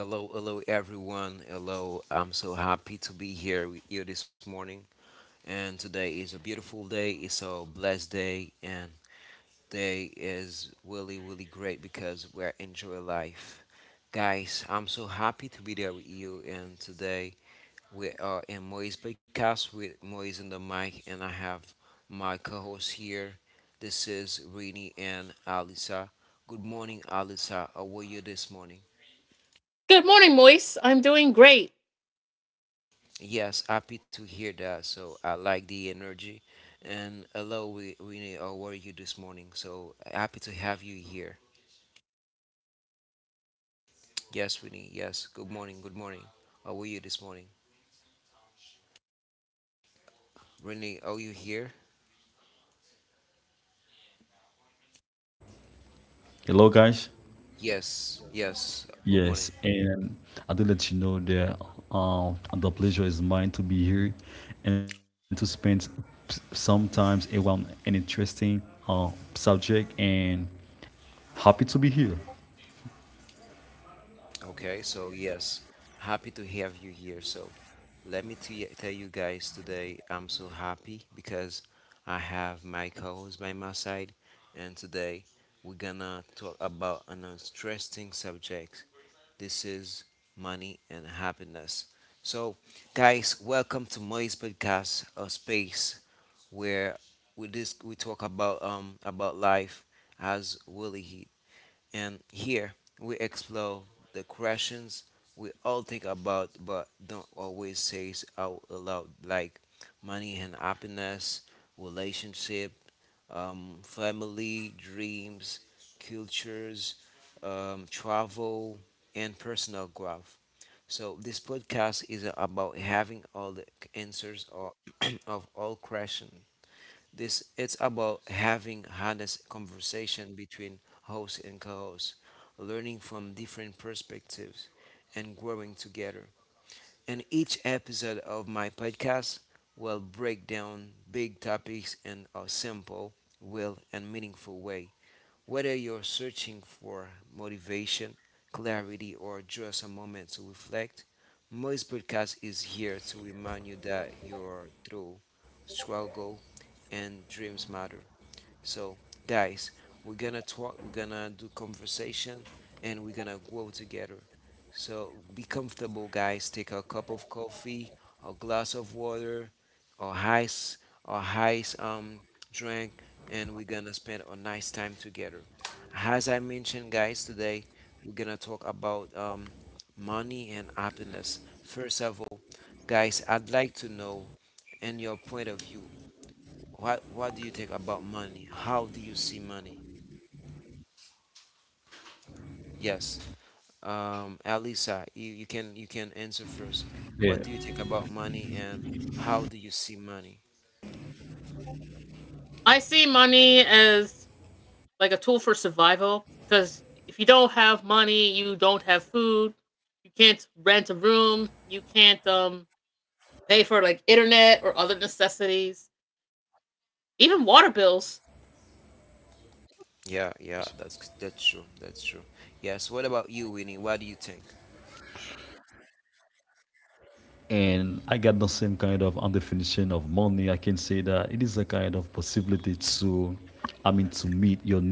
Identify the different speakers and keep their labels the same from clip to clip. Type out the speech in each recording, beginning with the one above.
Speaker 1: Hello, hello everyone. Hello, I'm so happy to be here with you this morning. And today is a beautiful day. It's a blessed day, and day is really, really great because we're enjoying life. Guys, I'm so happy to be there with you. And today we are in Moise Podcast with Moise in the mic, and I have my co-host here. This is Rini and Alisa. Good morning, Alisa. How are you this morning?
Speaker 2: Good morning, Moise. I'm doing great.
Speaker 1: Yes, happy to hear that. So I like the energy. And hello, Winnie, how are you this morning? So happy to have you here. Yes, Winnie, yes. Good morning, good morning. How are you this morning? Winnie, are you here?
Speaker 3: Hello, guys.
Speaker 1: Yes, yes. Good morning.
Speaker 3: Yes, and I do let you know that the pleasure is mine to be here and to spend sometimes around an interesting uh, subject and happy to be here.
Speaker 1: Okay, so yes, happy to have you here. So let me tell you guys, today I'm so happy because I have my co-host by my side, and today we're gonna talk about an interesting subject. This is money and happiness. So, guys, welcome to Moy's podcast, a space where we talk about life as Willie, and here we explore the questions we all think about but don't always say out loud, like money and happiness, relationship, family, dreams, cultures, travel, and personal growth. So this podcast is about having all the answers or of all questions. This, it's about having honest conversation between host and co-host, learning from different perspectives and growing together. And each episode of my podcast will break down big topics in a simple, real, and meaningful way. Whether you're searching for motivation, clarity, or just a moment to reflect, Moist Podcast is here to remind you that your through struggle and dreams matter. So, guys, we're gonna talk, we're gonna do conversation, and we're gonna grow together. So, be comfortable, guys. Take a cup of coffee, a glass of water, or ice, or ice drink, and we're gonna spend a nice time together. As I mentioned, guys, today we're gonna talk about money and happiness. First of all, guys, I'd like to know, in your point of view, What do you think about money? How do you see money? Yes, Alisa, you can you can
Speaker 3: Yeah.
Speaker 1: answer first. What do you think about money and how do you see money?
Speaker 2: I see money as like a tool for survival because if you don't have money, you don't have food, you can't rent a room, you can't pay for like internet or other necessities, even water bills.
Speaker 1: Yeah, yeah, that's true. That's true. Yes. What about you, Winnie? What do you think?
Speaker 3: And I got the same kind of definition of money. I can say that it is a kind of possibility to, I mean, to meet your needs.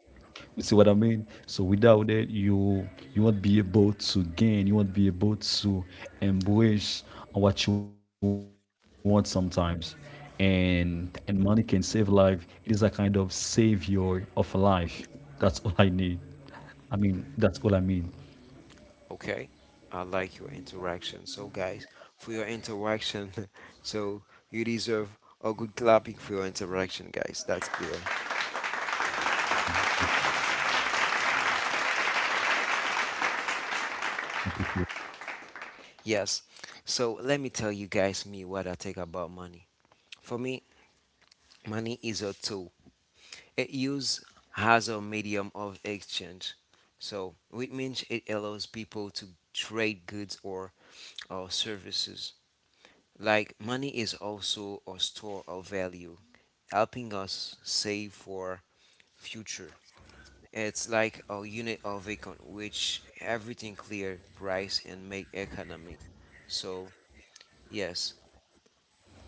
Speaker 3: You see what I mean? So without it, you won't be able to gain. You won't be able to embrace what you want sometimes. And money can save life. It is a kind of savior of a life. That's all I need. I mean, that's all I mean.
Speaker 1: Okay. I like your interaction. So, guys, for your interaction, so you deserve a good clapping for your interaction, guys. That's clear. Yes. So, let me tell you guys me what I think about money. For me, money is a tool. It used as a medium of exchange. So it means it allows people to trade goods or services. Like money is also a store of value, helping us save for future. It's like a unit of account which everything clear price and make economic. So yes,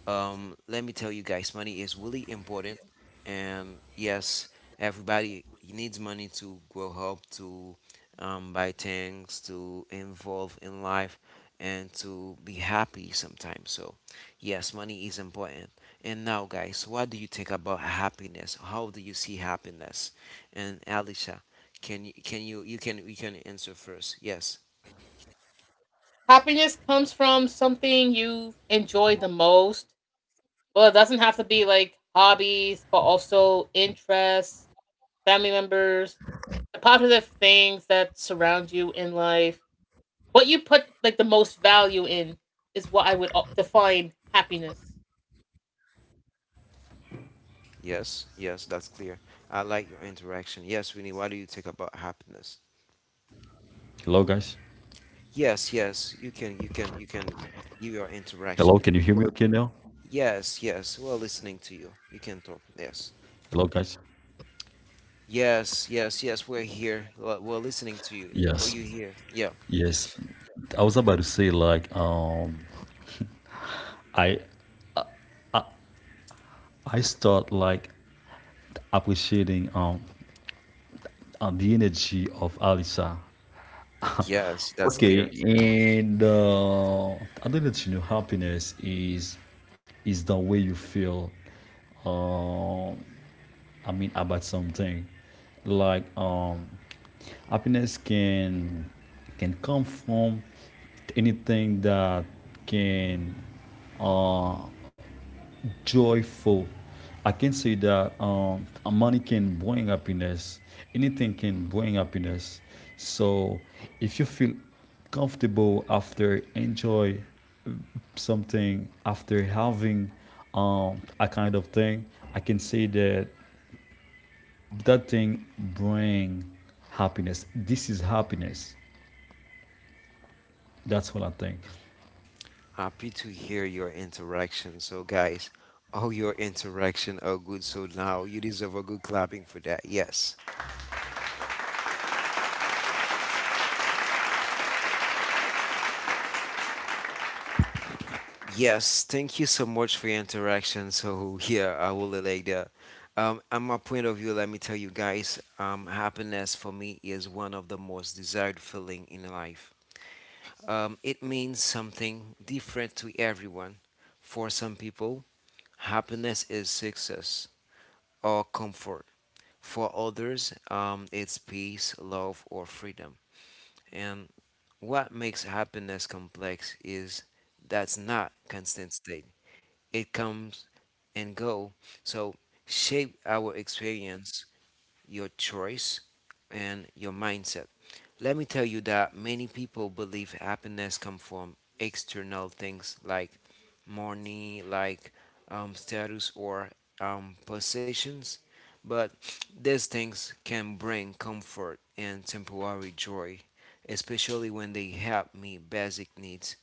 Speaker 1: let me tell you guys, money is really important. And yes, everybody needs money to grow up, to buy things, to involve in life, and to be happy sometimes. So, yes, money is important. And now, guys, what do you think about happiness? How do you see happiness? And Alicia, can you can answer first? Yes,
Speaker 2: Happiness comes from something you've enjoyed the most. Well, it doesn't have to be like hobbies, but also interests, family members, the positive things that surround you in life, what you put like the most value in is what I would define happiness.
Speaker 1: yes, yes. That's clear. I like your interaction. Yes, Winnie, what do you think about happiness?
Speaker 3: Hello, guys.
Speaker 1: Yes, yes, you can give your
Speaker 3: Hello,
Speaker 1: interaction.
Speaker 3: can you hear me
Speaker 1: Well,
Speaker 3: okay now?
Speaker 1: yes, yes, we're listening to you. You can talk. Yes,
Speaker 3: Hello, guys.
Speaker 1: yes, yes, yes. We're here. We're listening to you. Are
Speaker 3: Yes,
Speaker 1: you here? Yeah.
Speaker 3: yes. I was about to say like I I start like appreciating and the energy of Alisa.
Speaker 1: Yes, that's
Speaker 3: Okay,
Speaker 1: clear.
Speaker 3: and identity to new happiness is the way you feel. Uh, I mean about something like happiness can come from anything that can uh, joyful. I can say that money can bring happiness. Anything can bring happiness. So if you feel comfortable after enjoy uh, something after having a kind of thing, I can say that that thing bring happiness. This is happiness. That's what I think.
Speaker 1: Happy to hear your interaction. So, guys, all your interaction are good. So now you deserve a good clapping for that. Yes. Yes, thank you so much for your interaction. So yeah, I will relate that. On my point of view, let me tell you guys, happiness for me is one of the most desired feeling in life. It means something different to everyone. For some people, happiness is success or comfort. For others, it's peace, love, or freedom. And what makes happiness complex is that's not constant state. It comes and go. So shape our experience, your choice, and your mindset. Let me tell you that many people believe happiness comes from external things like money, like status or possessions, but these things can bring comfort and temporary joy, especially when they help meet basic needs.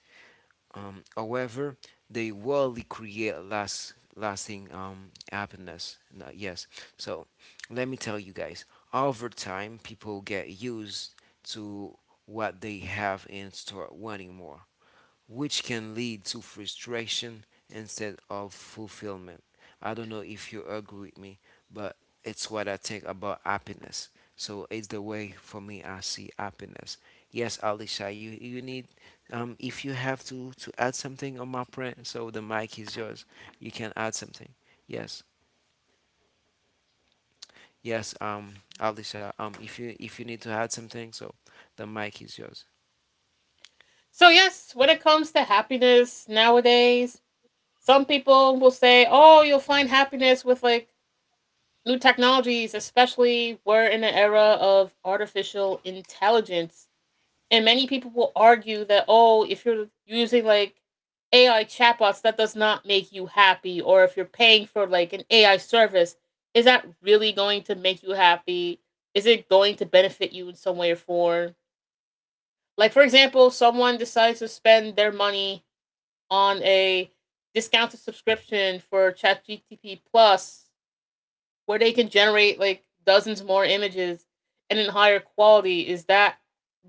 Speaker 1: However, they rarely create lasting happiness. No, yes. So let me tell you guys. Over time, people get used to what they have and start wanting more, which can lead to frustration instead of fulfillment. I don't know if you agree with me, but it's what I think about happiness. So it's the way for me I see happiness. Yes, Alicia, you need if you have to add something on my print, so the mic is yours. You can add something. Yes. Yes, Alicia, if you need to add something, so the mic is yours.
Speaker 2: So yes, when it comes to happiness nowadays, some people will say, "Oh, you'll find happiness with like new technologies, especially we're in an era of artificial intelligence." And many people will argue that, oh, if you're using like AI chatbots, that does not make you happy. Or if you're paying for like an AI service, is that really going to make you happy? Is it going to benefit you in some way or form? Like, for example, someone decides to spend their money on a discounted subscription for ChatGTP Plus where they can generate like dozens more images and in higher quality. Is that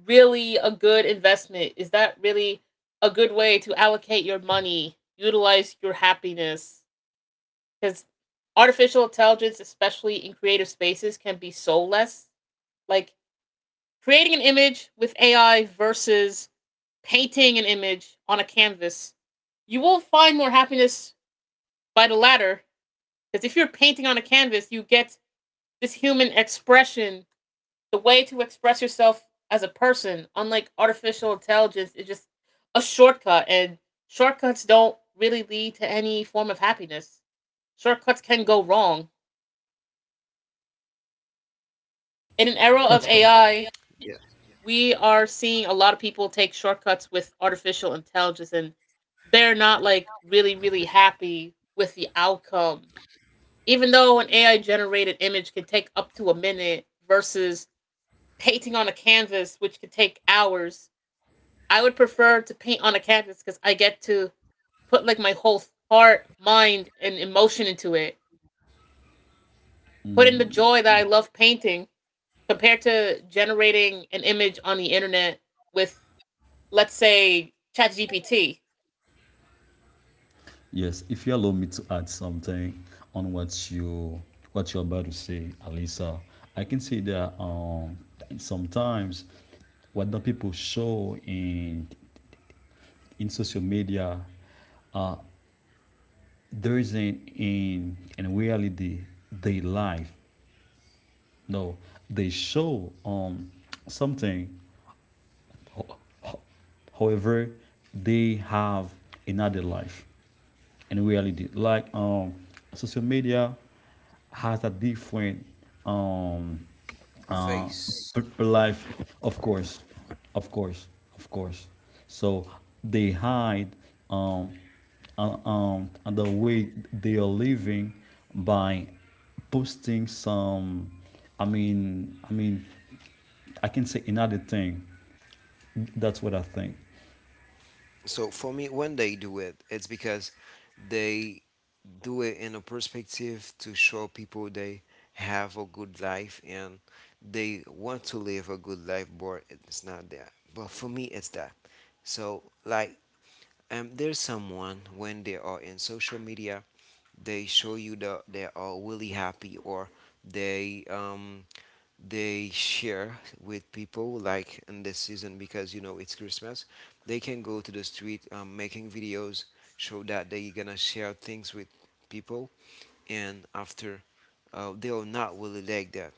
Speaker 2: really a good investment? Is that really a good way to allocate your money, utilize your happiness? Because artificial intelligence, especially in creative spaces, can be soulless. Like, creating an image with ai versus painting an image on a canvas, you will find more happiness by the latter, because if you're painting on a canvas you get this human expression, the way to express yourself as a person, unlike artificial intelligence, is just a shortcut, and shortcuts don't really lead to any form of happiness. Shortcuts can go wrong. In an era of AI,
Speaker 1: Yeah.
Speaker 2: we are seeing a lot of people take shortcuts with artificial intelligence, and they're not like really happy with the outcome. Even though an AI generated image can take up to a minute versus painting on a canvas, which could take hours, I would prefer to paint on a canvas because I get to put like my whole heart, mind, and emotion into it. Put in the joy that I love painting compared to generating an image on the internet with, let's say, ChatGPT.
Speaker 3: Yes, if you allow me to add something on what you what you're about to say, Alisa, I can say that sometimes what the people show in social media uh there isn't in reality they life. No, they show something. However, they have another life in reality. Like social media has a different um uh
Speaker 1: Face.
Speaker 3: life, of course, of course, of course. So they hide um the way they are living by posting some. I mean, I can say another thing. That's what I think.
Speaker 1: So for me, when they do it, it's because they do it in a perspective to show people they have a good life and they want to live a good life, but it's not that. But for me, it's that. So like, there's someone when they are in social media, they show you that they are really happy or they um they share with people like in this season, because you know it's Christmas they can go to the street, making videos, show that they gonna share things with people. And after, they are not really like that,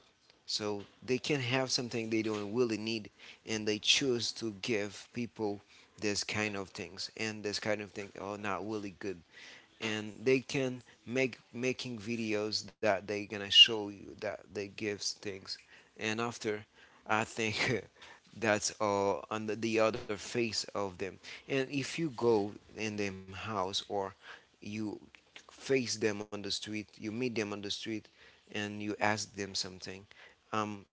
Speaker 1: so they can have something they don't really need and they choose to give people this kind of things, and this kind of thing are not really good. And they can make making videos that they gonna show you that they gives things. And after, I think that's all on the other face of them. And if you go in them house, or you face them on the street, you meet them on the street and you ask them something, um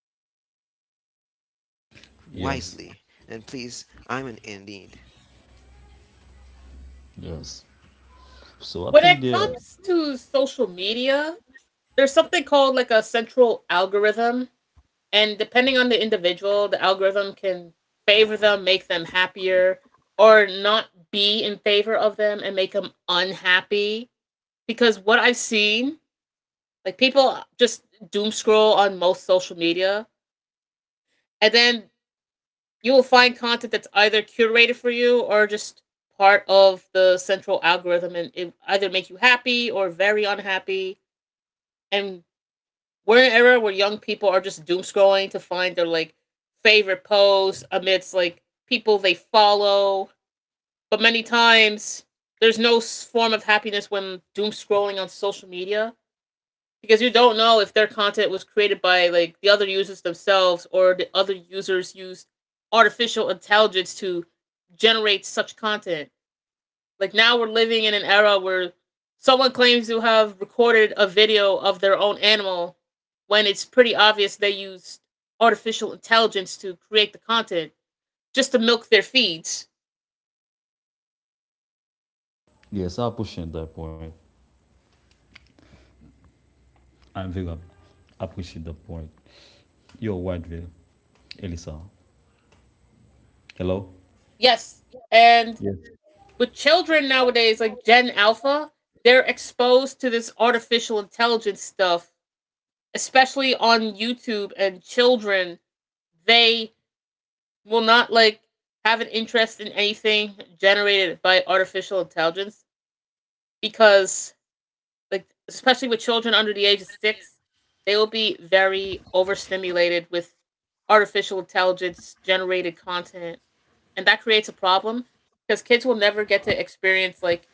Speaker 1: wisely, and please, I'm an
Speaker 3: Yes.
Speaker 1: indeed.
Speaker 3: Yes. So I
Speaker 2: When
Speaker 3: think
Speaker 2: it
Speaker 3: that
Speaker 2: comes to social media, there's something called like a central algorithm. And depending on the individual, the algorithm can favor them, make them happier, or not be in favor of them and make them unhappy, because what I've seen, like people just doom scroll on most social media, and then you will find content that's either curated for you or just part of the central algorithm, and it either make you happy or very unhappy. And we're in an era where young people are just doom scrolling to find their like favorite posts amidst like people they follow, but many times there's no form of happiness when doom scrolling on social media, because you don't know if their content was created by like the other users themselves or the other users used artificial intelligence to generate such content. Like, now we're living in an era where someone claims to have recorded a video of their own animal when it's pretty obvious they used artificial intelligence to create the content just to milk their feeds.
Speaker 3: yes, I appreciate that point. I'm very appreciate that point. You Yo, Whiteville, Elisa. Hello?
Speaker 2: Yes. And
Speaker 3: Yes.
Speaker 2: with children nowadays like Gen Alpha, they're exposed to this artificial intelligence stuff especially on YouTube, and children, they will not like have an interest in anything generated by artificial intelligence, because like especially with children under the age of 6, they will be very overstimulated with artificial intelligence generated content, and that creates a problem because kids will never get to experience like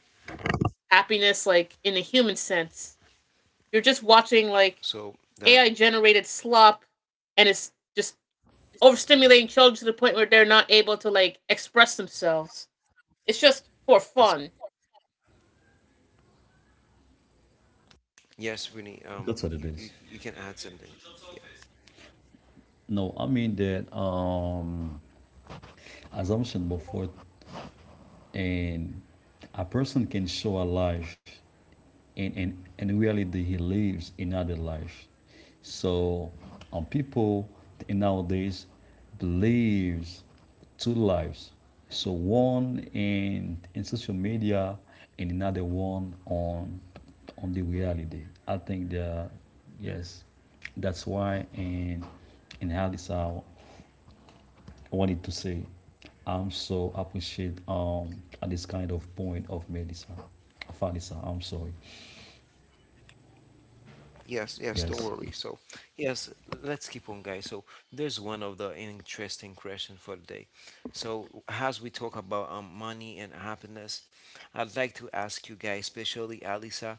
Speaker 2: happiness like in the human sense. You're just watching like
Speaker 1: So
Speaker 2: AI
Speaker 1: that's a
Speaker 2: generated
Speaker 1: question
Speaker 2: slop and it's just
Speaker 1: god.
Speaker 2: overstimulating children to the point where they're not able to like express themselves. It's just for fun.
Speaker 1: Yes, Winnie,
Speaker 3: That's what it is.
Speaker 1: you can add something. Yeah.
Speaker 3: No, I mean that assumption before and a person can show a life and and reality he lives another life. So people nowadays believes two lives, so one in social media and another one on the reality. I think that yes, that's why and how this our wanted to say. I'm so appreciate at this kind of point of Melissa. Vanessa, I'm sorry.
Speaker 1: Yes, yes, don't
Speaker 3: Yes.
Speaker 1: worry. So, yes, let's keep on, guys. So, there's one of the interesting question for today. So, as we talk about money and happiness, I'd like to ask you guys, especially Alisa,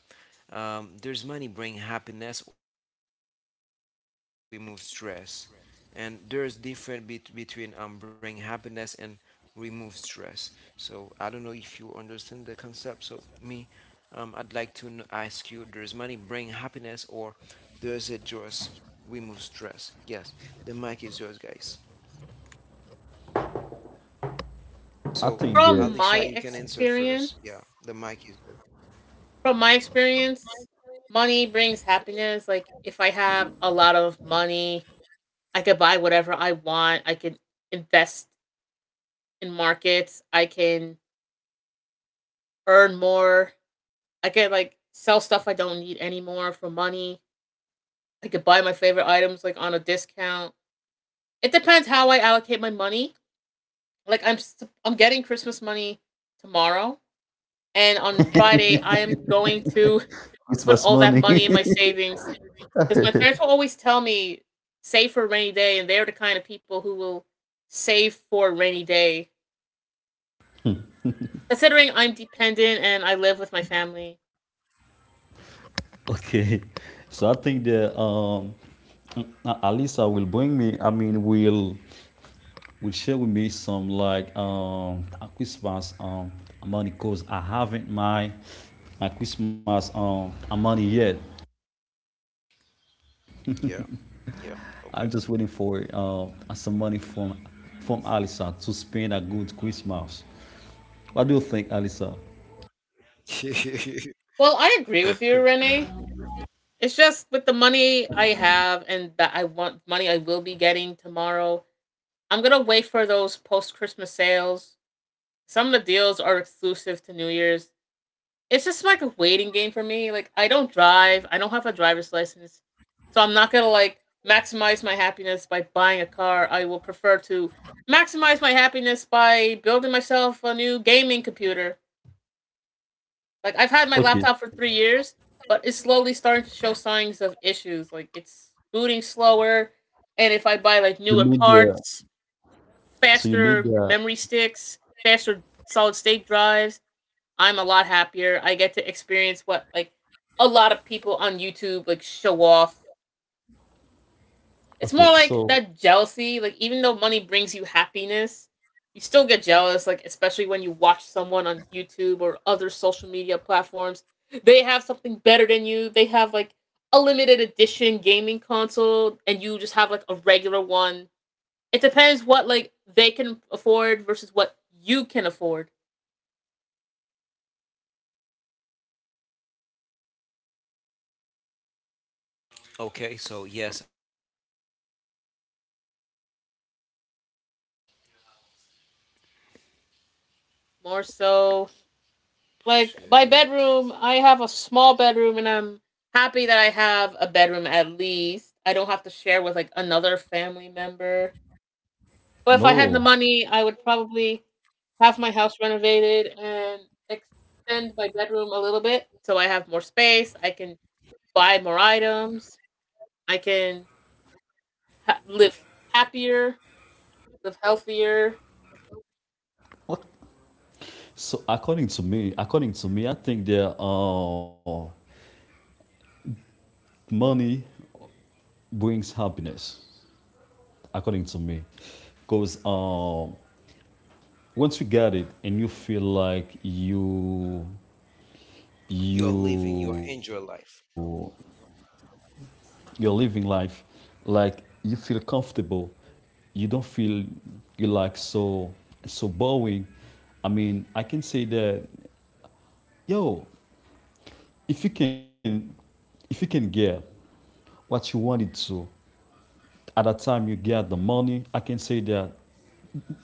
Speaker 1: does money bring happiness or does it just remove stress? And there's different between bring happiness and remove stress. So, I don't know if you understand the concept. So, me, I'd like to ask you: does money bring happiness, or does it just remove stress? Yes, the mic is yours, guys.
Speaker 3: I
Speaker 1: So,
Speaker 3: think
Speaker 2: From
Speaker 3: that
Speaker 1: Alicia,
Speaker 2: my
Speaker 1: you can answer
Speaker 2: experience,
Speaker 1: first. Yeah, the mic is
Speaker 2: from my experience, money brings happiness. Like if I have a lot of money, I could buy whatever I want. I can invest in markets. I can earn more. I can like sell stuff I don't need anymore for money. I could buy my favorite items like on a discount. It depends how I allocate my money. Like I'm getting Christmas money tomorrow, and on Friday I am going to put
Speaker 3: Christmas
Speaker 2: all that
Speaker 3: money.
Speaker 2: money in my savings, because my parents will always tell me save for a rainy day, and they're the kind of people who will save for a rainy day. Considering I'm dependent and I live with my family.
Speaker 3: Okay. So I think that Alisa will bring me, I mean will share with me some like Christmas money, cause I haven't my my Christmas money yet.
Speaker 1: yours. Yeah, yeah.
Speaker 3: I'm just waiting for some money from Alisa to spend a good Christmas. What do you think, Alisa?
Speaker 1: Okay.
Speaker 2: Well, I agree with you, Renee. It's just with the money I have and that I want money I will be getting tomorrow. I'm gonna wait for those post Christmas sales. Some of the deals are exclusive to New Year's. It's just like a waiting game for me. Like I don't drive. I don't have a driver's license, so I'm not gonna like maximize my happiness by buying a car. I will prefer to maximize my happiness by building myself a new gaming computer. Like I've had my
Speaker 3: Okay,
Speaker 2: laptop for 3 years, but it's slowly starting to show signs of issues. Like it's booting slower, and if I buy like
Speaker 3: you
Speaker 2: newer
Speaker 3: made the
Speaker 2: parts,
Speaker 3: so you made
Speaker 2: faster
Speaker 3: the
Speaker 2: memory sticks, faster solid state drives, I'm a lot happier. I get to experience what like a lot of people on YouTube like show off. It's more
Speaker 3: okay.
Speaker 2: like
Speaker 3: So
Speaker 2: that jealousy. Like, even though money brings you happiness, you still get jealous. Like especially when you watch someone on YouTube or other social media platforms, they have something better than you. They have like a limited edition gaming console, and you just have like a regular one. It depends what like they can afford versus what you can afford.
Speaker 1: Okay. So yes, I like your interaction. Yes, Winnie. Um,
Speaker 2: More so, like my
Speaker 1: shit.
Speaker 2: bedroom, I have a small bedroom and I'm happy that I have a bedroom at least. I don't have to share with like another family member. But if I had the
Speaker 3: no,
Speaker 2: money, I would probably have my house renovated and extend my bedroom a little bit so I have more space. I can buy more items. I can live happier, live healthier.
Speaker 3: what? So according to me, I think the money brings happiness. According to me, because once you get it and you feel like you
Speaker 1: You're living. You're enjoy
Speaker 3: you
Speaker 1: life.
Speaker 3: you're living life, like you feel comfortable, you don't feel you like so so boring. I mean, I can say that yo, if you can if you can get what you wanted to at that time you get the money, I can say that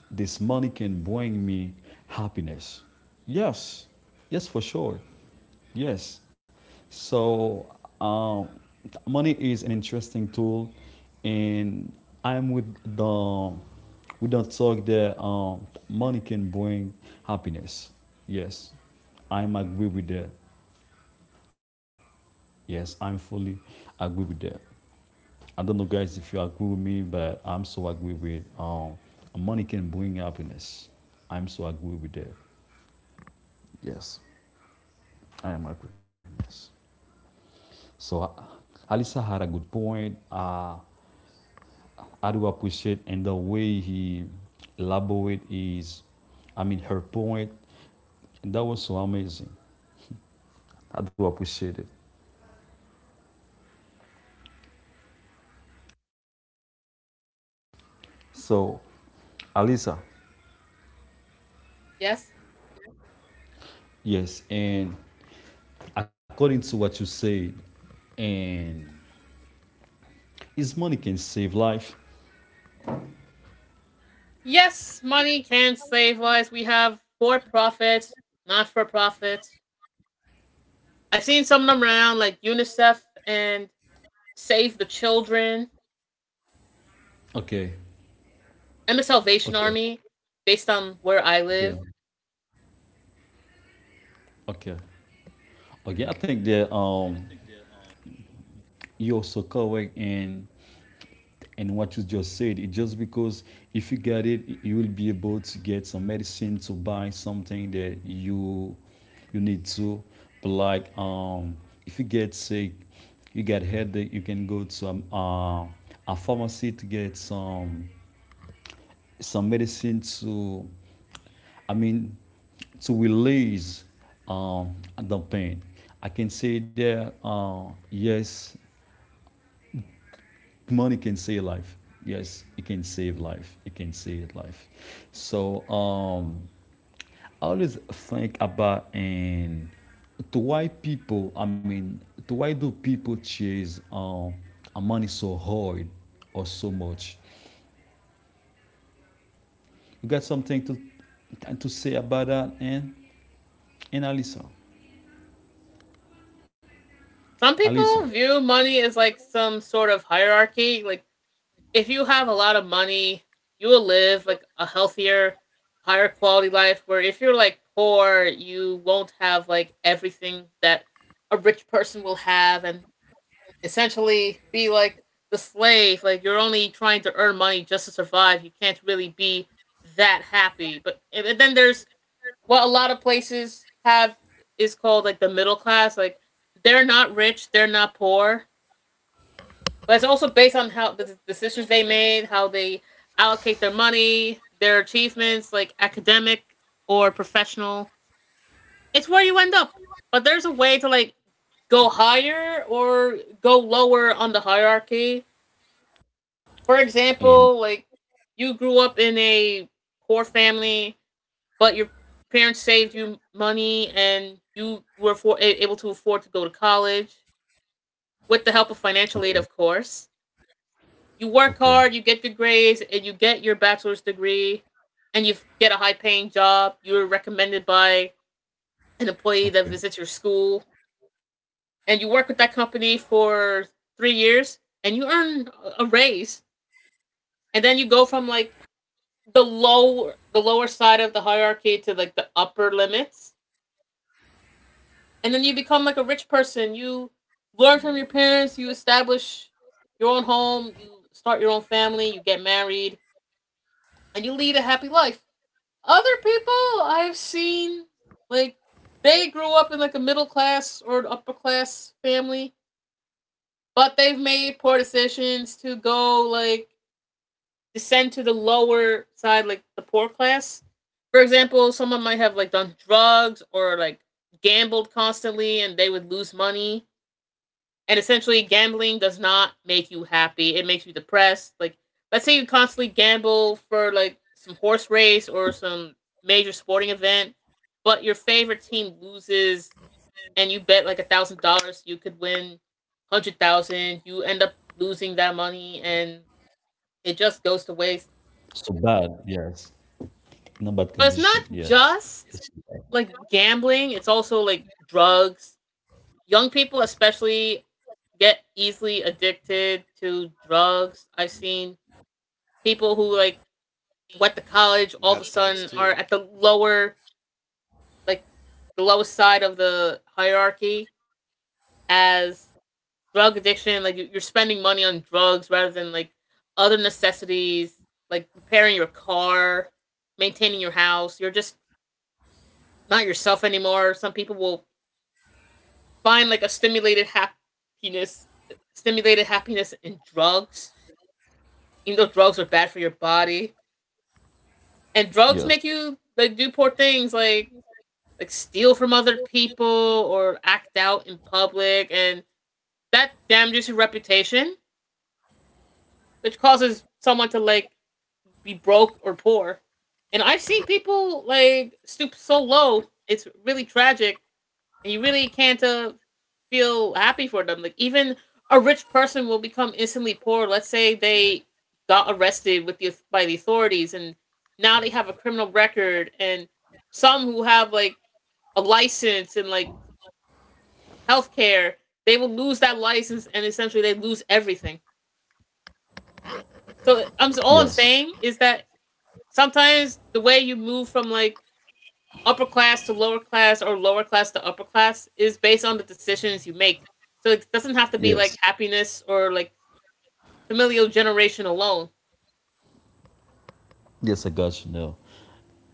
Speaker 3: this money can bring me happiness. Yes, yes, for sure. Yes. So, um, money is an interesting tool, and I'm with the we don't talk that money can bring happiness. Yes, I'm agree with that. Yes, I'm fully agree with that. I don't know, guys, if you agree with me, but I'm so agree with money can bring happiness. I'm so agree with that. Yes, I am agree. Yes. So Alisa had a good point. I do appreciate and the way he elaborate is, I mean, her point, and that was so amazing. I do appreciate it. So, Alisa,
Speaker 2: Yes.
Speaker 3: yes, and according to what you said, and is money can save life?
Speaker 2: Yes, money can save lives. We have for profit, not for profit. I've seen some of them around, like UNICEF and Save the Children
Speaker 3: Okay.
Speaker 2: and the Salvation
Speaker 3: Okay.
Speaker 2: Army, based on where I live.
Speaker 3: Okay. Okay. Okay. I think that you're so correct in what you just said. It just because if you get it, you will be able to get some medicine to buy something that you need to. But like if you get sick, you get headache, you can go to a pharmacy to get some medicine to, I mean, to release um, the pain. I can say that yes, money can save life. Yes, it can save life. It can save life. So I always think about and to why people. I mean, to why do people chase money so hard or so much? You got something to say about that, and Alisa,
Speaker 2: Some
Speaker 3: Alisa,
Speaker 2: people view money as like some sort of hierarchy. Like, if you have a lot of money, you will live like a healthier, higher quality life. Where if you're like poor, you won't have like everything that a rich person will have, and essentially be like the slave. Like you're only trying to earn money just to survive. You can't really be that happy. But and then there's what a lot of places have is called like the middle class. Like they're not rich, they're not poor, but it's also based on how the decisions they made, how they allocate their money, their achievements, like academic or professional. It's where you end up. But there's a way to like go higher or go lower on the hierarchy. For
Speaker 3: and
Speaker 2: example, like you grew up in a poor family, but your parents saved you money and you were for, able to afford to go to college with the help of
Speaker 3: okay.
Speaker 2: financial aid, of course. You
Speaker 3: Okay.
Speaker 2: work hard, you get good grades, and you get your bachelor's degree, and you get a high paying job. You're recommended by an employee that
Speaker 3: Yeah.
Speaker 2: visits your school, and you work with that company for 3 years, and you earn a raise. And then you go from like the lower side of the hierarchy to like the upper limits, and then you become like a rich person. You learn from your parents, you establish your own home, you start your own family, you get married, and you lead a happy life. Other people I've seen, like, they grew up in like a middle class or an upper class family, but they've made poor decisions to go like descend to the lower side, like the poor class. For example, someone might have like done drugs or like gambled constantly and they would lose money. And essentially, gambling does not make you happy. It makes you depressed. Like, let's say you constantly gamble for like some horse race or some major sporting event, but your favorite team loses and you bet like $1,000 you could win 100,000. You end up losing that money and it just goes to
Speaker 3: So
Speaker 2: waste.
Speaker 3: bad, yes. Not bad condition,
Speaker 2: But it's
Speaker 3: yes.
Speaker 2: not
Speaker 3: Yes.
Speaker 2: just like gambling, it's also like drugs. Young people, especially, get easily addicted to drugs. I've seen people who like went to college all of a sudden are at the lower, like the lowest side of the hierarchy as drug addiction. Like you're spending money on drugs rather than like other necessities, like repairing your car, maintaining your house. You're just not yourself anymore. Some people will find like a stimulated happiness in drugs. Even though drugs are bad for your body, and drugs
Speaker 3: Yes.
Speaker 2: make you like do poor things, like steal from other people or act out in public, and that damages your reputation, which causes someone to like be broke or poor. And I've seen people like stoop so low. It's really tragic. And you really can't feel happy for them. Like even a rich person will become instantly poor. Let's say they got arrested with the by the authorities, and now they have a criminal record. And some who have like a license and like healthcare, they will lose that license, and essentially they lose everything. So I'm so
Speaker 3: Yes.
Speaker 2: all I'm saying is that sometimes the way you move from like upper class to lower class or lower class to upper class is based on the decisions you make. So it doesn't have to be
Speaker 3: Yes.
Speaker 2: like happiness or like familial generation alone.
Speaker 3: Yes, I got you now.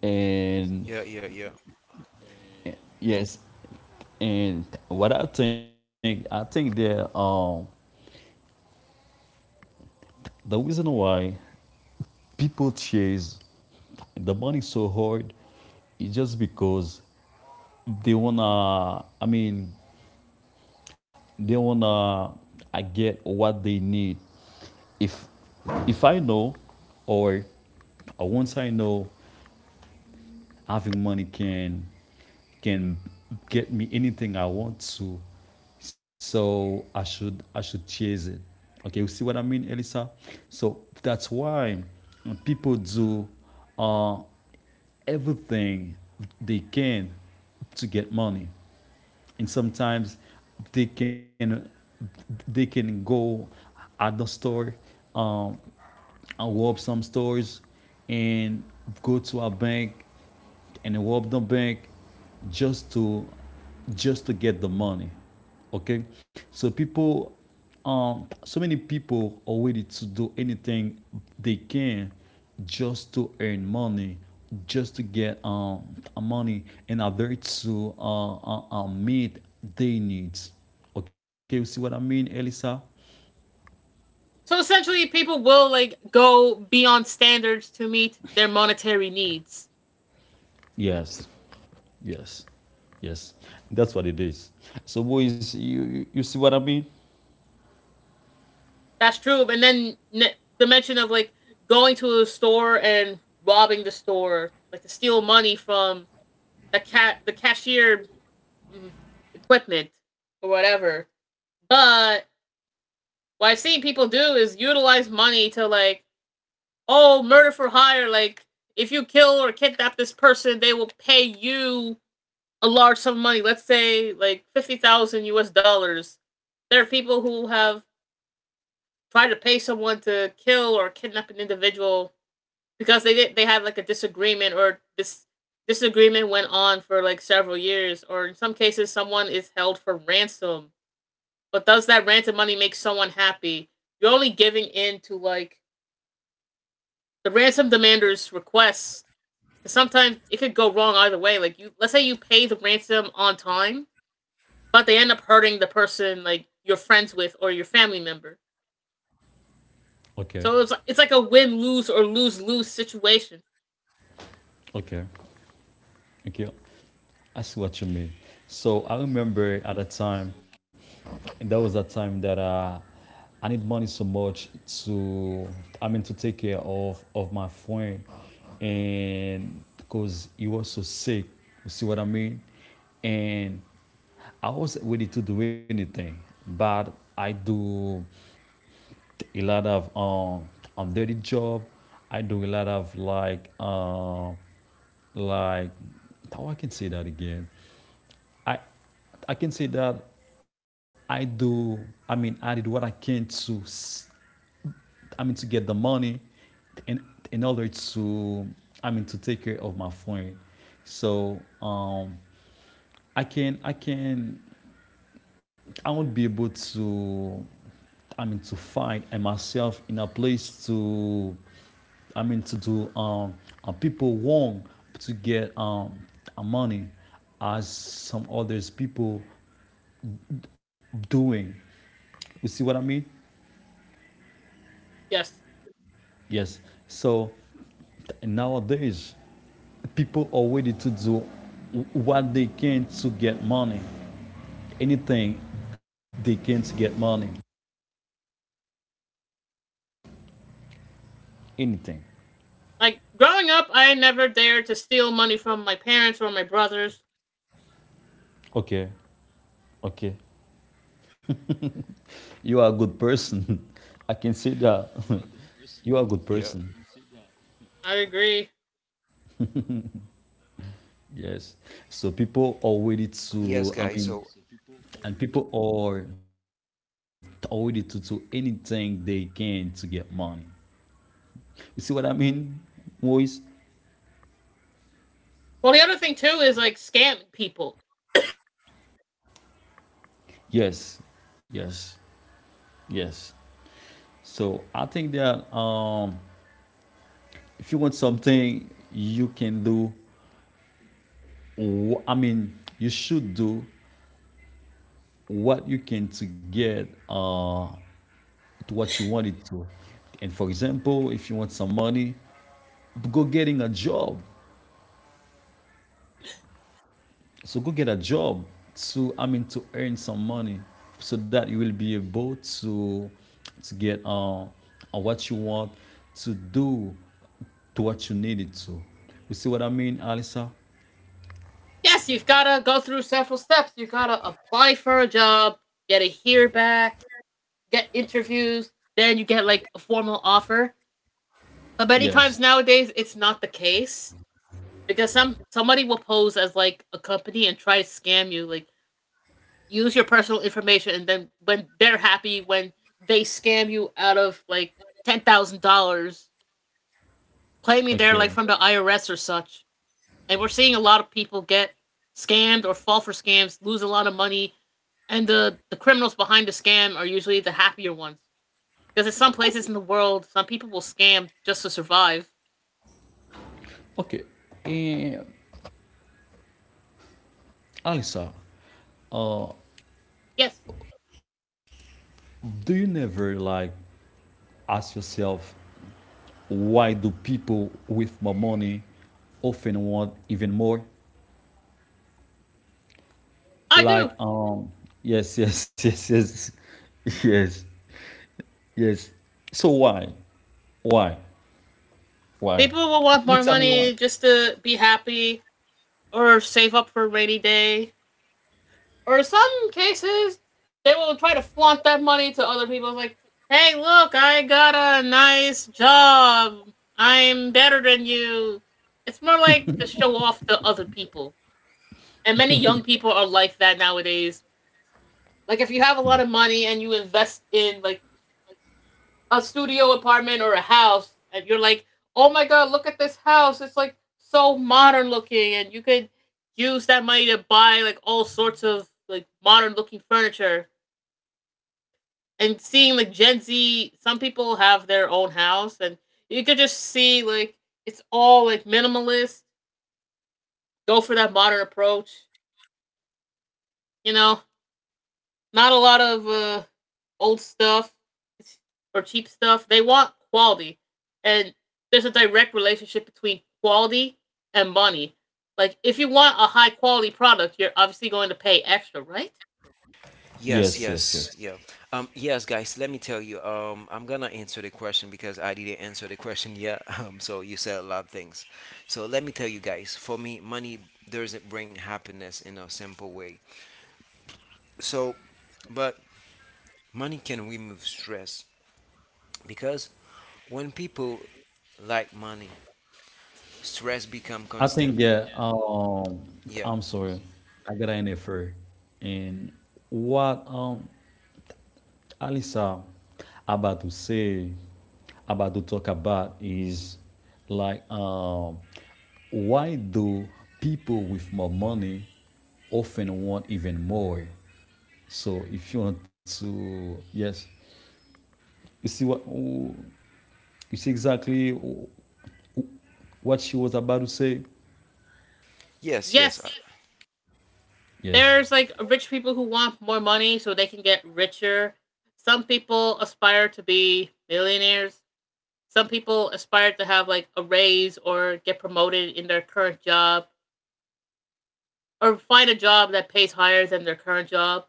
Speaker 3: And yes, and what I think, I think that the reason why people chase the money so hard is just because they wanna, I mean, they wanna get what they need. If if I know, or once I know having money can get me anything I want to, so I should chase it. Okay, you see what I mean, Elisa? So that's why people do uh, everything they can to get money, and sometimes they can they can go at the store, um, and rob some stores and go to a bank and rob the bank just to just to get the money. Okay, so people, so many people are ready to do anything they can just to earn money, just to get money in order to meet their needs. Okay, you see what I mean, Elisa?
Speaker 2: So essentially, people will like go beyond standards to meet their monetary needs.
Speaker 3: Yes. Yes. Yes. That's what it is. So, boys, you, see what I mean?
Speaker 2: That's true. And then the mention of like going to a store and robbing the store, like to steal money from the cashier, mm, equipment or whatever. But what I've seen people do is utilize money to like, oh, murder for hire. Like, if you kill or kidnap this person, they will pay you a large sum of money. Let's say like 50,000 U.S. dollars. There are people who have tried to pay someone to kill or kidnap an individual because they had like a disagreement, or this disagreement went on for like several years, or in some cases someone is held for ransom. But does that ransom money make someone happy? You're only giving in to like the ransom demander's request, because sometimes it could go wrong either way. Like let's say you pay the ransom on time, but they end up hurting the person like you're friends with or your family member.
Speaker 3: Okay.
Speaker 2: So it's like a win lose or lose lose situation.
Speaker 3: Okay. Okay. I see what you mean. So, I remember at a time, there was a time that I need money so much to, I mean, to take care of my friend. And because he was so sick, you see what I mean? And I wasn't ready to do anything, but I do a lot of dirty job. I do a lot of like how I can say that again. I I can say that I do. I mean, I did what I can to. I mean, to get the money, in in order to. I mean, to take care of my friend. So I can I won't be able to, I mean, to find myself in a place to, I mean, to do people want to get money, as some others people doing. You see what I mean?
Speaker 2: Yes.
Speaker 3: Yes. So nowadays, people are ready to do what they can to get money. Anything they can to get money. Anything.
Speaker 2: Like growing up, I never dared to steal money from my parents or my brothers.
Speaker 3: Okay. Okay. You are a good person. I can say that. You are a good person.
Speaker 2: I agree.
Speaker 3: Yes. So people are ready to, I mean, and people are ready to do anything they can to get money. You see what I mean, Moise?
Speaker 2: Well, the other thing too is like scamming people.
Speaker 3: Yes. Yes. Yes. So I think that if you want something, you can do. I mean, you should do what you can to get. To what you want it to. And for example, if you want some money, go getting a job. So go get a job to, I mean, to earn some money so that you will be able to get what you want to do to what you need it to. You see what I mean, Alisa?
Speaker 2: Yes, you've gotta go through several steps. You gotta apply for a job, get a hear back, get interviews, then you get like a formal offer. But many
Speaker 3: Yes.
Speaker 2: times nowadays, it's not the case, because somebody will pose as like a company and try to scam you. Like use your personal information, and then when they're happy, when they scam you out of like $10,000, claiming they're
Speaker 3: Okay.
Speaker 2: like from the IRS or such. And we're seeing a lot of people get scammed or fall for scams, lose a lot of money, and the criminals behind the scam are usually the happier ones. Because in some
Speaker 3: Okay.
Speaker 2: places in the world, some people will scam just to survive.
Speaker 3: Okay. And Alisa,
Speaker 2: Yes,
Speaker 3: do you never like ask yourself, why do people with more money often want even more?
Speaker 2: I do.
Speaker 3: Like, yes, yes, yes, yes, yes, yes. So why? Why? Why?
Speaker 2: People will want
Speaker 3: Can you
Speaker 2: more
Speaker 3: tell me why?
Speaker 2: money just to be happy or save up for a rainy day. Or in some cases, they will try to flaunt that money to other people. It's like, hey, look, I got a nice job. I'm better than you. It's more like to show off to other people. And many young people are like that nowadays. Like, if you have a lot of money and you invest in, like, a studio apartment or a house and you're like, oh my god, look at this house. It's like so modern looking, and you could use that money to buy like all sorts of like modern looking furniture. And seeing like Gen Z, some people have their own house, and you could just see like it's all like minimalist. Go for that modern approach, you know. Not a lot of old stuff or cheap stuff. They want quality, and there's a direct relationship between quality and money. Like, if you want a high quality product, you're obviously going to pay extra, right?
Speaker 3: Yes, yes, yes. I think yeah. I'm sorry, I got an effort. And what Alisa, about to say, about to talk about is like, why do people with more money often want even more? So if you want to, yes, you see what, you see exactly what she was about to say.
Speaker 2: Yes,
Speaker 3: Yes.
Speaker 2: there's like rich people who want more money so they can get richer. Some people aspire to be millionaires. Some people aspire to have like a raise or get promoted in their current job, or find a job that pays higher than their current job.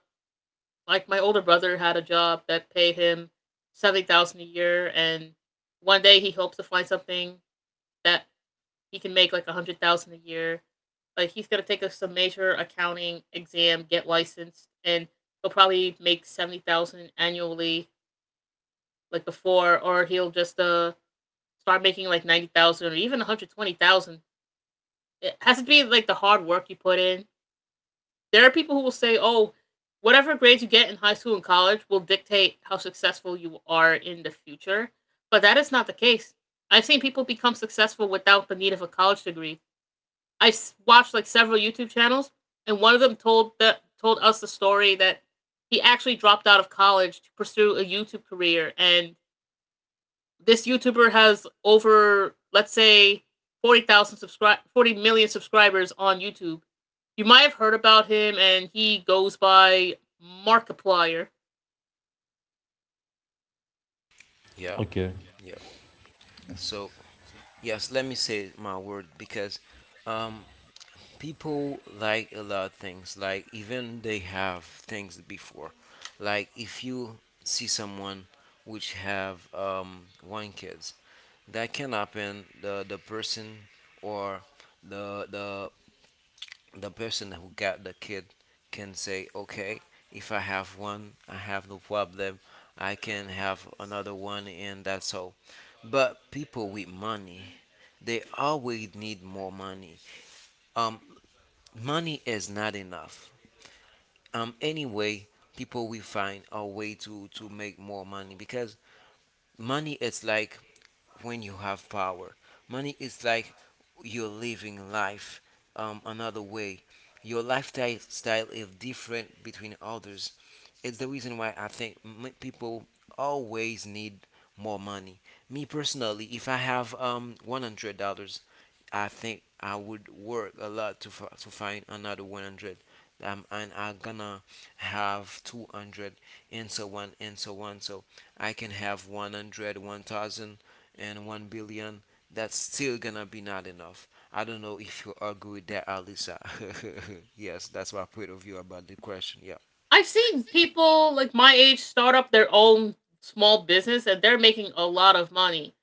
Speaker 2: Like my older brother had a job that paid him 70,000 a year, and one day he hopes to find something that he can make like 100,000 a year. Like he's gonna some major accounting exam, get licensed, and he'll probably make 70,000 annually, like before, or he'll just start making like 90,000 or even 120,000. It has to be like the hard work you put in. There are people who will say, "Oh, whatever grades you get in high school and college will dictate how successful you are in the future," but that is not the case. I've seen people become successful without the need of a college degree. I watched like several YouTube channels, and one of them told us the story that he actually dropped out of college to pursue a YouTube career, and this YouTuber has over, let's say, 40,000 subscribe 40 million subscribers on YouTube. You might have heard about him, and he goes by Markiplier.
Speaker 3: Okay. Yes.
Speaker 2: I've seen people like my age start up their own small business and they're making a lot of money.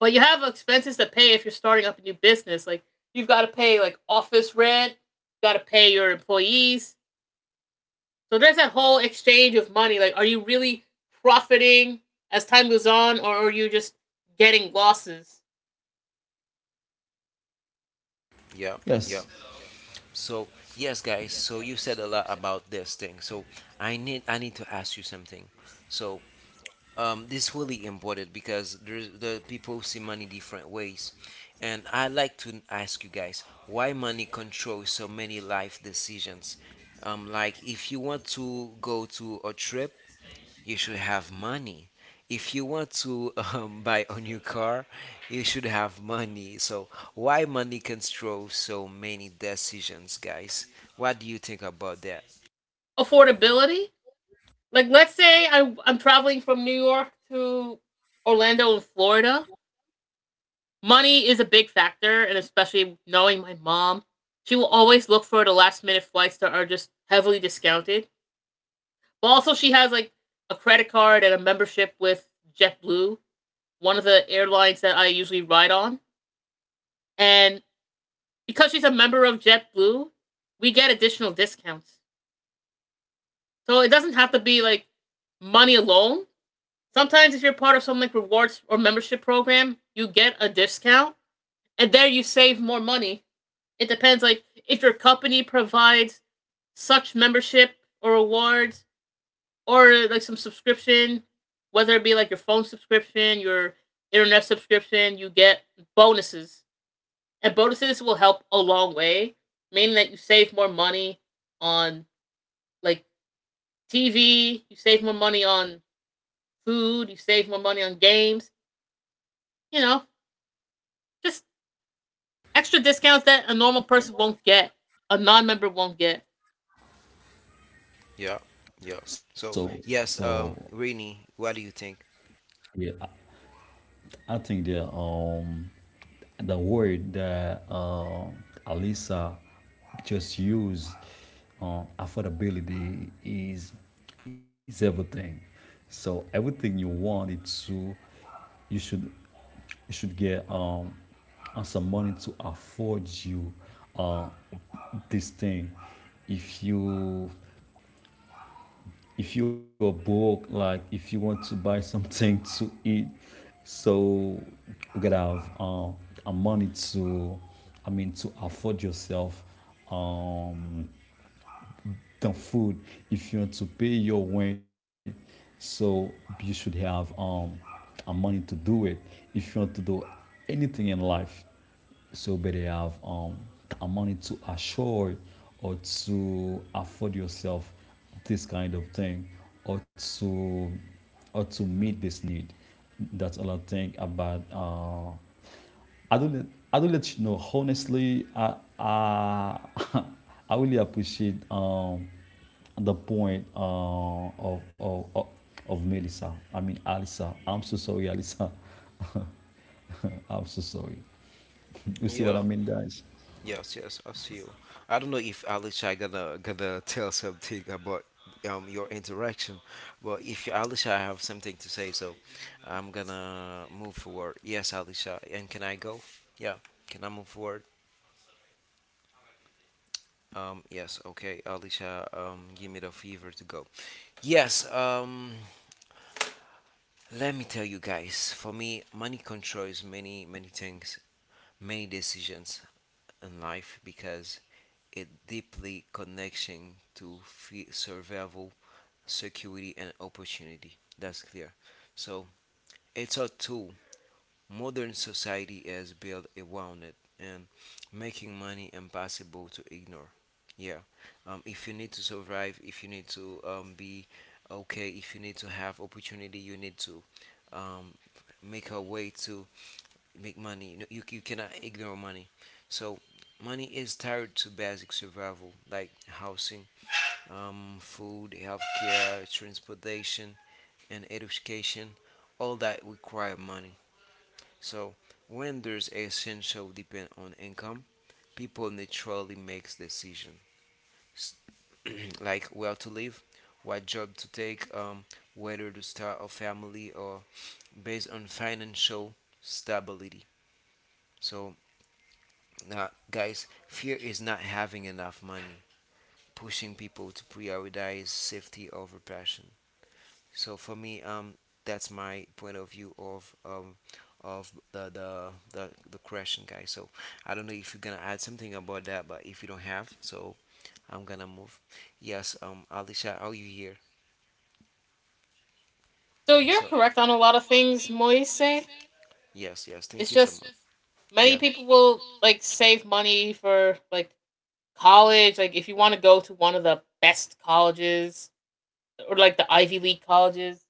Speaker 2: But you have expenses to pay if you're starting up a new business. Like you've got to pay like office rent, you got to pay your employees. So there's that whole exchange of money. Like, are you really profiting as time goes on, or are you just getting losses?
Speaker 3: Yes.
Speaker 2: Affordability. Like, let's say I'm traveling from New York to Orlando in Florida. Money is a big factor, and especially knowing my mom, she will always look for the last minute flights that are just heavily discounted. But also, she has like a credit card and a membership with JetBlue, one of the airlines that I usually ride on. And because she's a member of JetBlue, we get additional discounts. So it doesn't have to be like money alone. Sometimes if you're part of some like rewards or membership program, you get a discount and there you save more money. It depends like if your company provides such membership or rewards or like some subscription, whether it be like your phone subscription, your internet subscription, you get bonuses. And bonuses will help a long way, meaning that you save more money on like TV, you save more money on food, you save more money on games, you know, just extra discounts that a normal person won't get, a non member won't get.
Speaker 3: So so yeah, I think there the word that Alisa just used, affordability is everything. So everything you want it to, you should you should get some money to afford you uh, this thing. If you if you are broke, like if you want to buy something to eat, so you gotta have a money to, I mean, to afford yourself um, the food. If you want to pay your rent, so you should have a money to do it. If you want to do anything in life, so better have a money to assure or to afford yourself this kind of thing, or to or to meet this need. That's all I think about I do let, I will let you know honestly. I really appreciate the point of, of of of Melissa. I mean Alisa. I'm so sorry, Alisa. I'm so sorry. You see what I mean, guys?
Speaker 2: So you're correct on a lot of things, Moise. It's just many people will like save money for like college, like if you want to go to one of the best colleges or like the Ivy League colleges,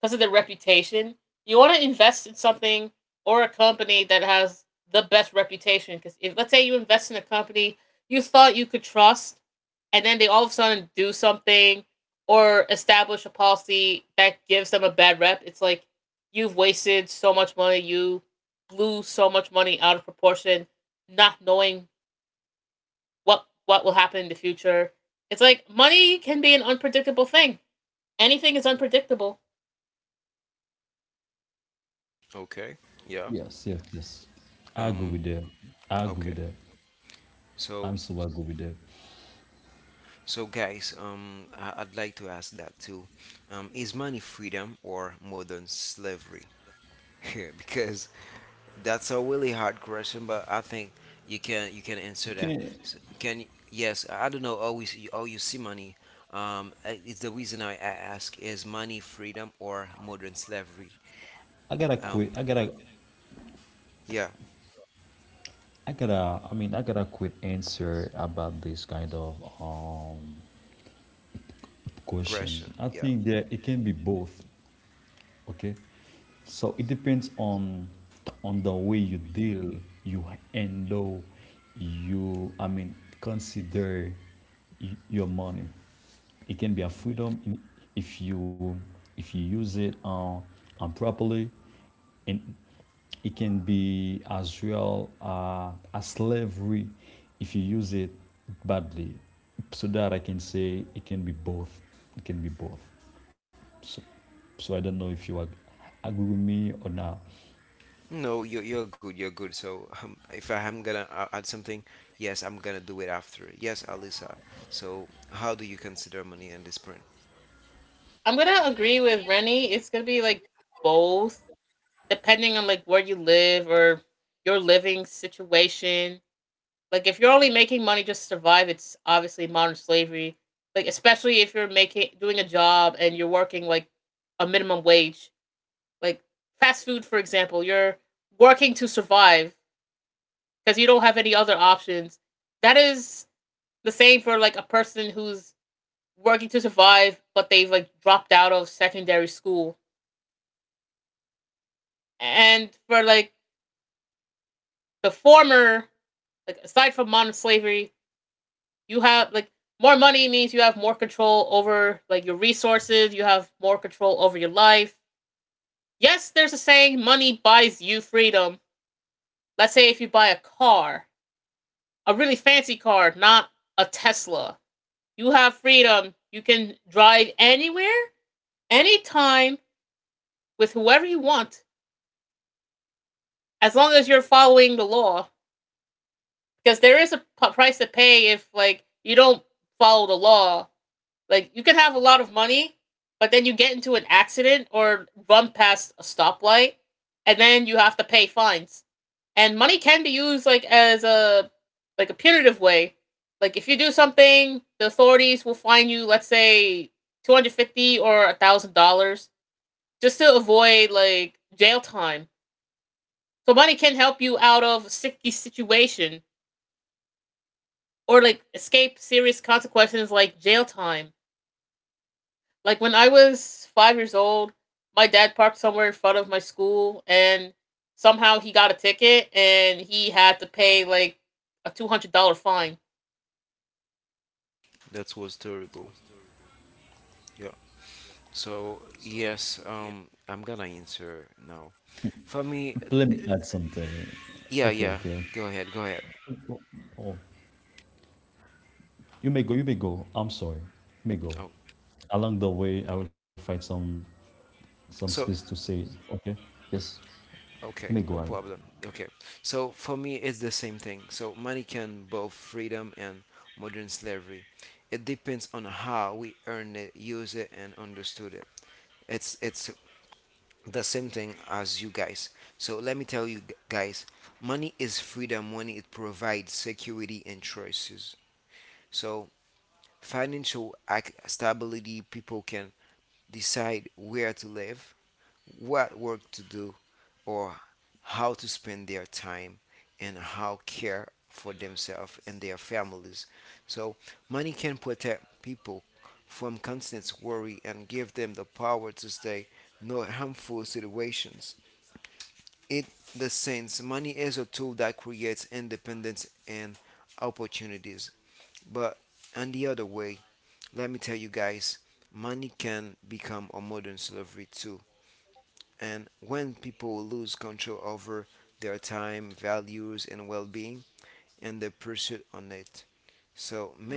Speaker 2: because of their reputation. You want to invest in something or a company that has the best reputation. Because if let's say you invest in a company you thought you could trust, and then they all of a sudden do something or establish a policy that gives them a bad rep, it's like you've wasted so much money. You blew so much money out of proportion, not knowing what will happen in the future. It's like money can be an unpredictable thing. Anything is unpredictable.
Speaker 3: Yes, yes, yes. I agree with that. I agree with that. I'm so agree with that. Okay, I gotta quit. I gotta. I gotta. I mean, I gotta quit answer about this kind of um question. I think that it can be both. Okay, so it depends on the way you deal, you handle, you. I mean, consider your money. It can be a freedom in, if you if you use it improperly, and it can be as well a slavery if you use it badly, so that I can say it can be both. It can be both. So, so I don't know if you agree with me or not.
Speaker 2: I'm gonna agree with Rennie. It's gonna be like both, depending on like where you live or your living situation. Like if you're only making money just to survive, it's obviously modern slavery. Like especially if you're making doing a job and you're working like a minimum wage. Like fast food, for example, you're working to survive because you don't have any other options. That is the same for like a person who's working to survive, but they've like dropped out of secondary school. And for like the former, like aside from modern slavery, you have like more money means you have more control over like your resources, you have more control over your life. Yes, there's a saying money buys you freedom. Let's say if you buy a car, a really fancy car, not a Tesla. You have freedom. You can drive anywhere, anytime, with whoever you want, as long as you're following the law, because there is a price to pay if like you don't follow the law. Like you can have a lot of money, but then you get into an accident or run past a stoplight, and then you have to pay fines. And money can be used like as a like a punitive way. Like if you do something, the authorities will fine you. Let's say $250 or $1,000 just to avoid like jail time. So money can help you out of a sticky situation or like escape serious consequences like jail time. Like when I was 5 years old, my dad parked somewhere in front of my school and somehow he got a ticket and he had to pay like a $200 fine.
Speaker 3: Let me add something. Okay, okay, okay. Oh, oh, you may go. You may go. I'm sorry. You may go. Along the way, I will find some space to say it. Okay. Yes. You may go ahead.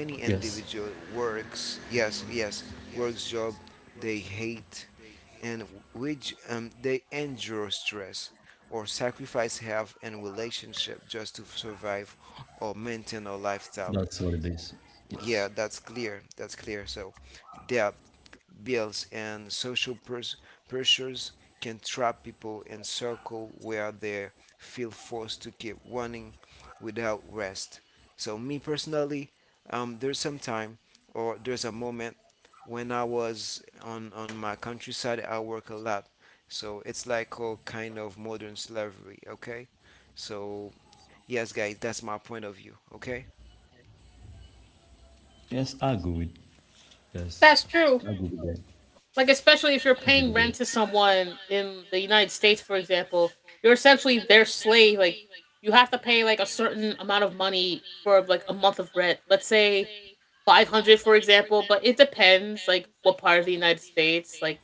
Speaker 3: Yes. That's what it is. Yes. Yes. I agree with. Yes.
Speaker 2: That's true.
Speaker 3: I agree with that.
Speaker 2: Like, especially if you're paying rent to someone in the United States, for example, you're essentially their slave. Like, you have to pay like a certain amount of money for like a month of rent. Let's say 500 for example, but it depends like what part of the United States. Like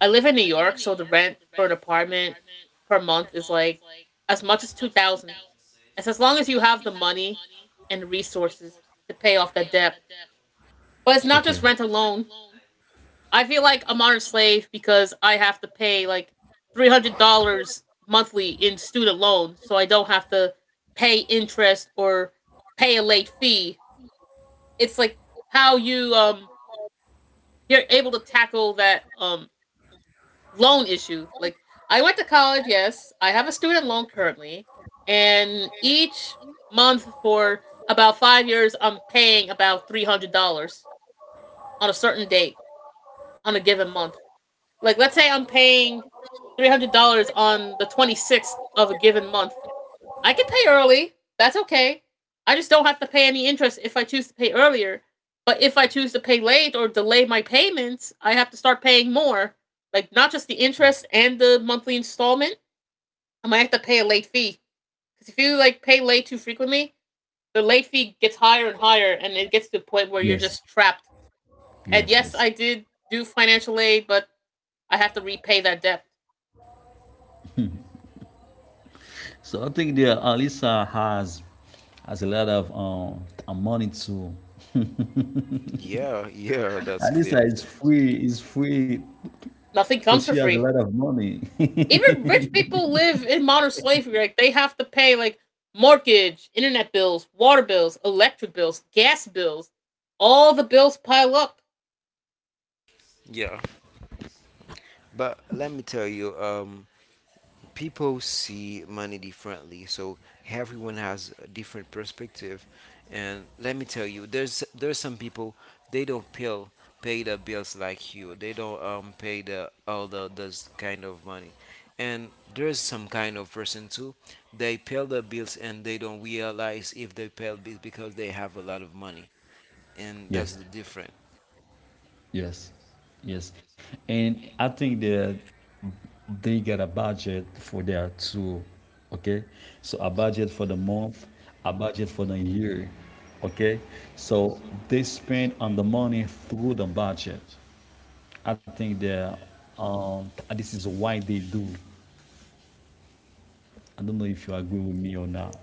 Speaker 2: I live in New York, so the rent for an apartment per month is like as much as 2000. It's as long as you have the money and resources to pay off that debt, but it's not just
Speaker 3: Okay.
Speaker 2: rent alone. I feel like a modern slave because I have to pay like $300 monthly in student loans so I don't have to pay interest or pay a late fee. It's like how you you're able to tackle that loan issue. Like I went to college, yes, I have a student loan currently, and each month for about 5 years, I'm paying about $300 on a certain date on a given month. Like let's say I'm paying $300 on the 26th of a given month. I can pay early. That's okay. I just don't have to pay any interest if I choose to pay earlier. But if I choose to pay late or delay my payments, I have to start paying more. Like not just the interest and the monthly installment. I might have to pay a late fee. Because if you like pay late too frequently, the late fee gets higher and higher and it gets to a point where you're
Speaker 3: Yes.
Speaker 2: just trapped. And
Speaker 3: Yes.
Speaker 2: yes,
Speaker 3: Yes.
Speaker 2: I did do financial aid, but I have to repay that debt.
Speaker 3: So I think the Alisa has a lot of money to Anissa is free
Speaker 2: Nothing
Speaker 3: because
Speaker 2: comes
Speaker 3: she
Speaker 2: for
Speaker 3: has a
Speaker 2: free.
Speaker 3: lot of money.
Speaker 2: Even rich people live in modern slavery. Like they have to pay like mortgage, internet bills, water bills, electric bills, gas bills. All the bills pile up.
Speaker 3: Yes, yes, yes. And I think that they got a budget for that too. Okay, so a budget for the month, a budget for the year. Okay, so they spend on the money through the budget. I think that this is why they do. I don't know if you agree with me or not.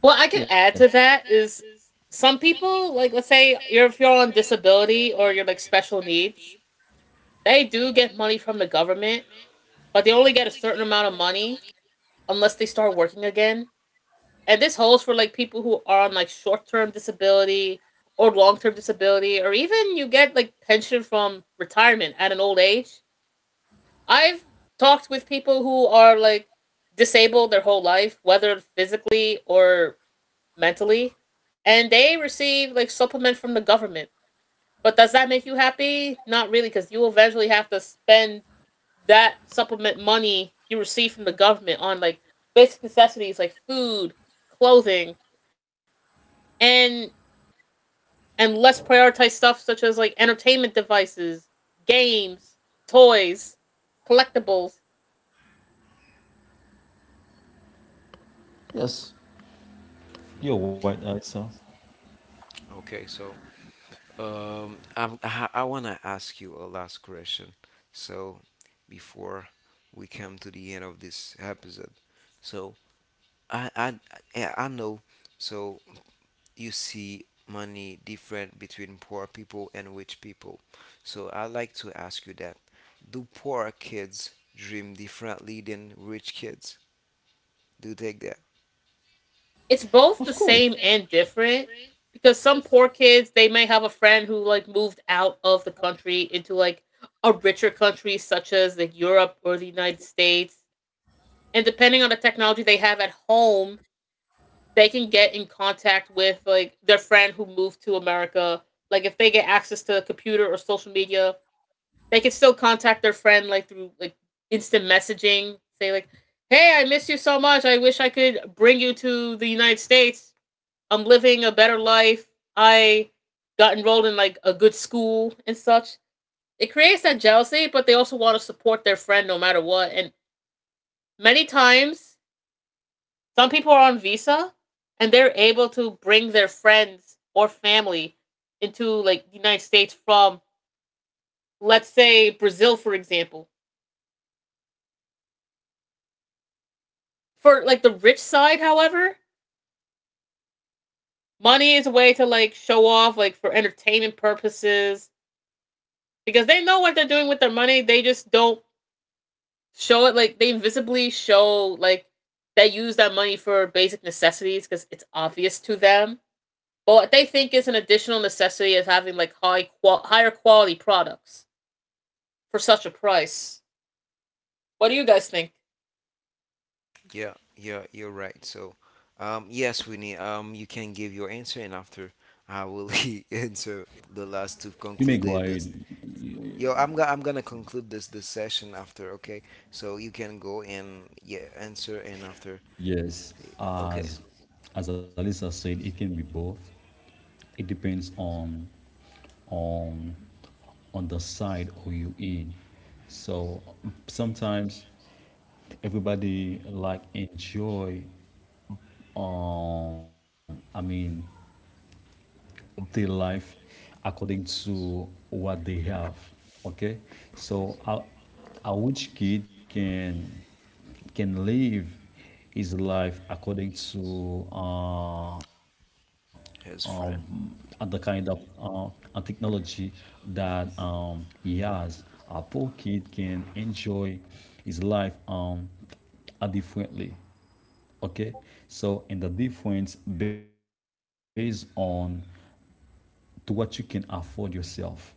Speaker 2: What I could
Speaker 3: Yes,
Speaker 2: add to that is some people, like let's say you're if you're on disability or you're like special needs, they do get money from the government, but they only get a certain amount of money unless they start working again. And this holds for like people who are on like short term disability or long term disability, or even you get like pension from retirement at an old age. I've talked with people who are like disabled their whole life, whether physically or mentally, and they receive like supplement from the government. But does that make you happy? Not really, because you will eventually have to spend that supplement money you receive from the government on like basic necessities like food, clothing, and less prioritize stuff such as like entertainment devices, games, toys, collectibles.
Speaker 3: yes, you're right, Alyssa.
Speaker 2: It's
Speaker 3: Of
Speaker 2: both the
Speaker 3: course.
Speaker 2: same and different because some poor kids they may have a friend who like moved out of the country into like a richer country such as like Europe or the United States. And depending on the technology they have at home, they can get in contact with like their friend who moved to America. Like if they get access to a computer or social media, they can still contact their friend like through like instant messaging. Say like, "Hey, I miss you so much. I wish I could bring you to the United States. I'm living a better life. I got enrolled in like a good school and such." It creates that jealousy, but they also want to support their friend no matter what. And many times, some people are on visa and they're able to bring their friends or family into like the United States from let's say Brazil for example. For like the rich side, however, money is a way to like show off, like for entertainment purposes, because they know what they're doing with their money. They just don't show it. Like they visibly show like they use that money for basic necessities because it's obvious to them. But what they think is an additional necessity is having like high qual- higher quality products for such a price. What do you guys think?
Speaker 3: You may go ahead. Yes, as as Alisa said, it can be both. It depends on on the side or you in. So sometimes everybody like enjoy. I mean, their life according to what they have. Okay, so a rich kid can live his life according to um, the kind of technology that he has. A poor kid can enjoy his life differently. Okay, so and the difference based on to what you can afford yourself. Okay,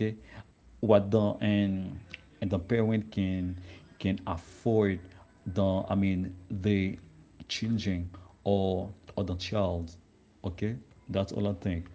Speaker 3: what the and the parent can afford the, I mean, the children or or the child. Okay, that's all I think.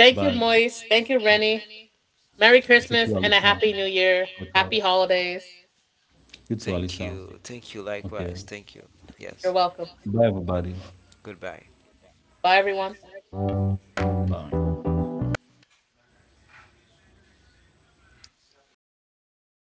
Speaker 2: Thank you,
Speaker 3: But
Speaker 2: Moise. Thank you, Rennie. Merry
Speaker 3: take
Speaker 2: Christmas
Speaker 3: care,
Speaker 2: and a
Speaker 3: Alisa.
Speaker 2: Happy New Year. Happy Holidays.
Speaker 3: You too, Alisa. Okay,
Speaker 2: You're welcome.
Speaker 3: bye, everybody.
Speaker 2: Bye, everyone.
Speaker 3: Bye.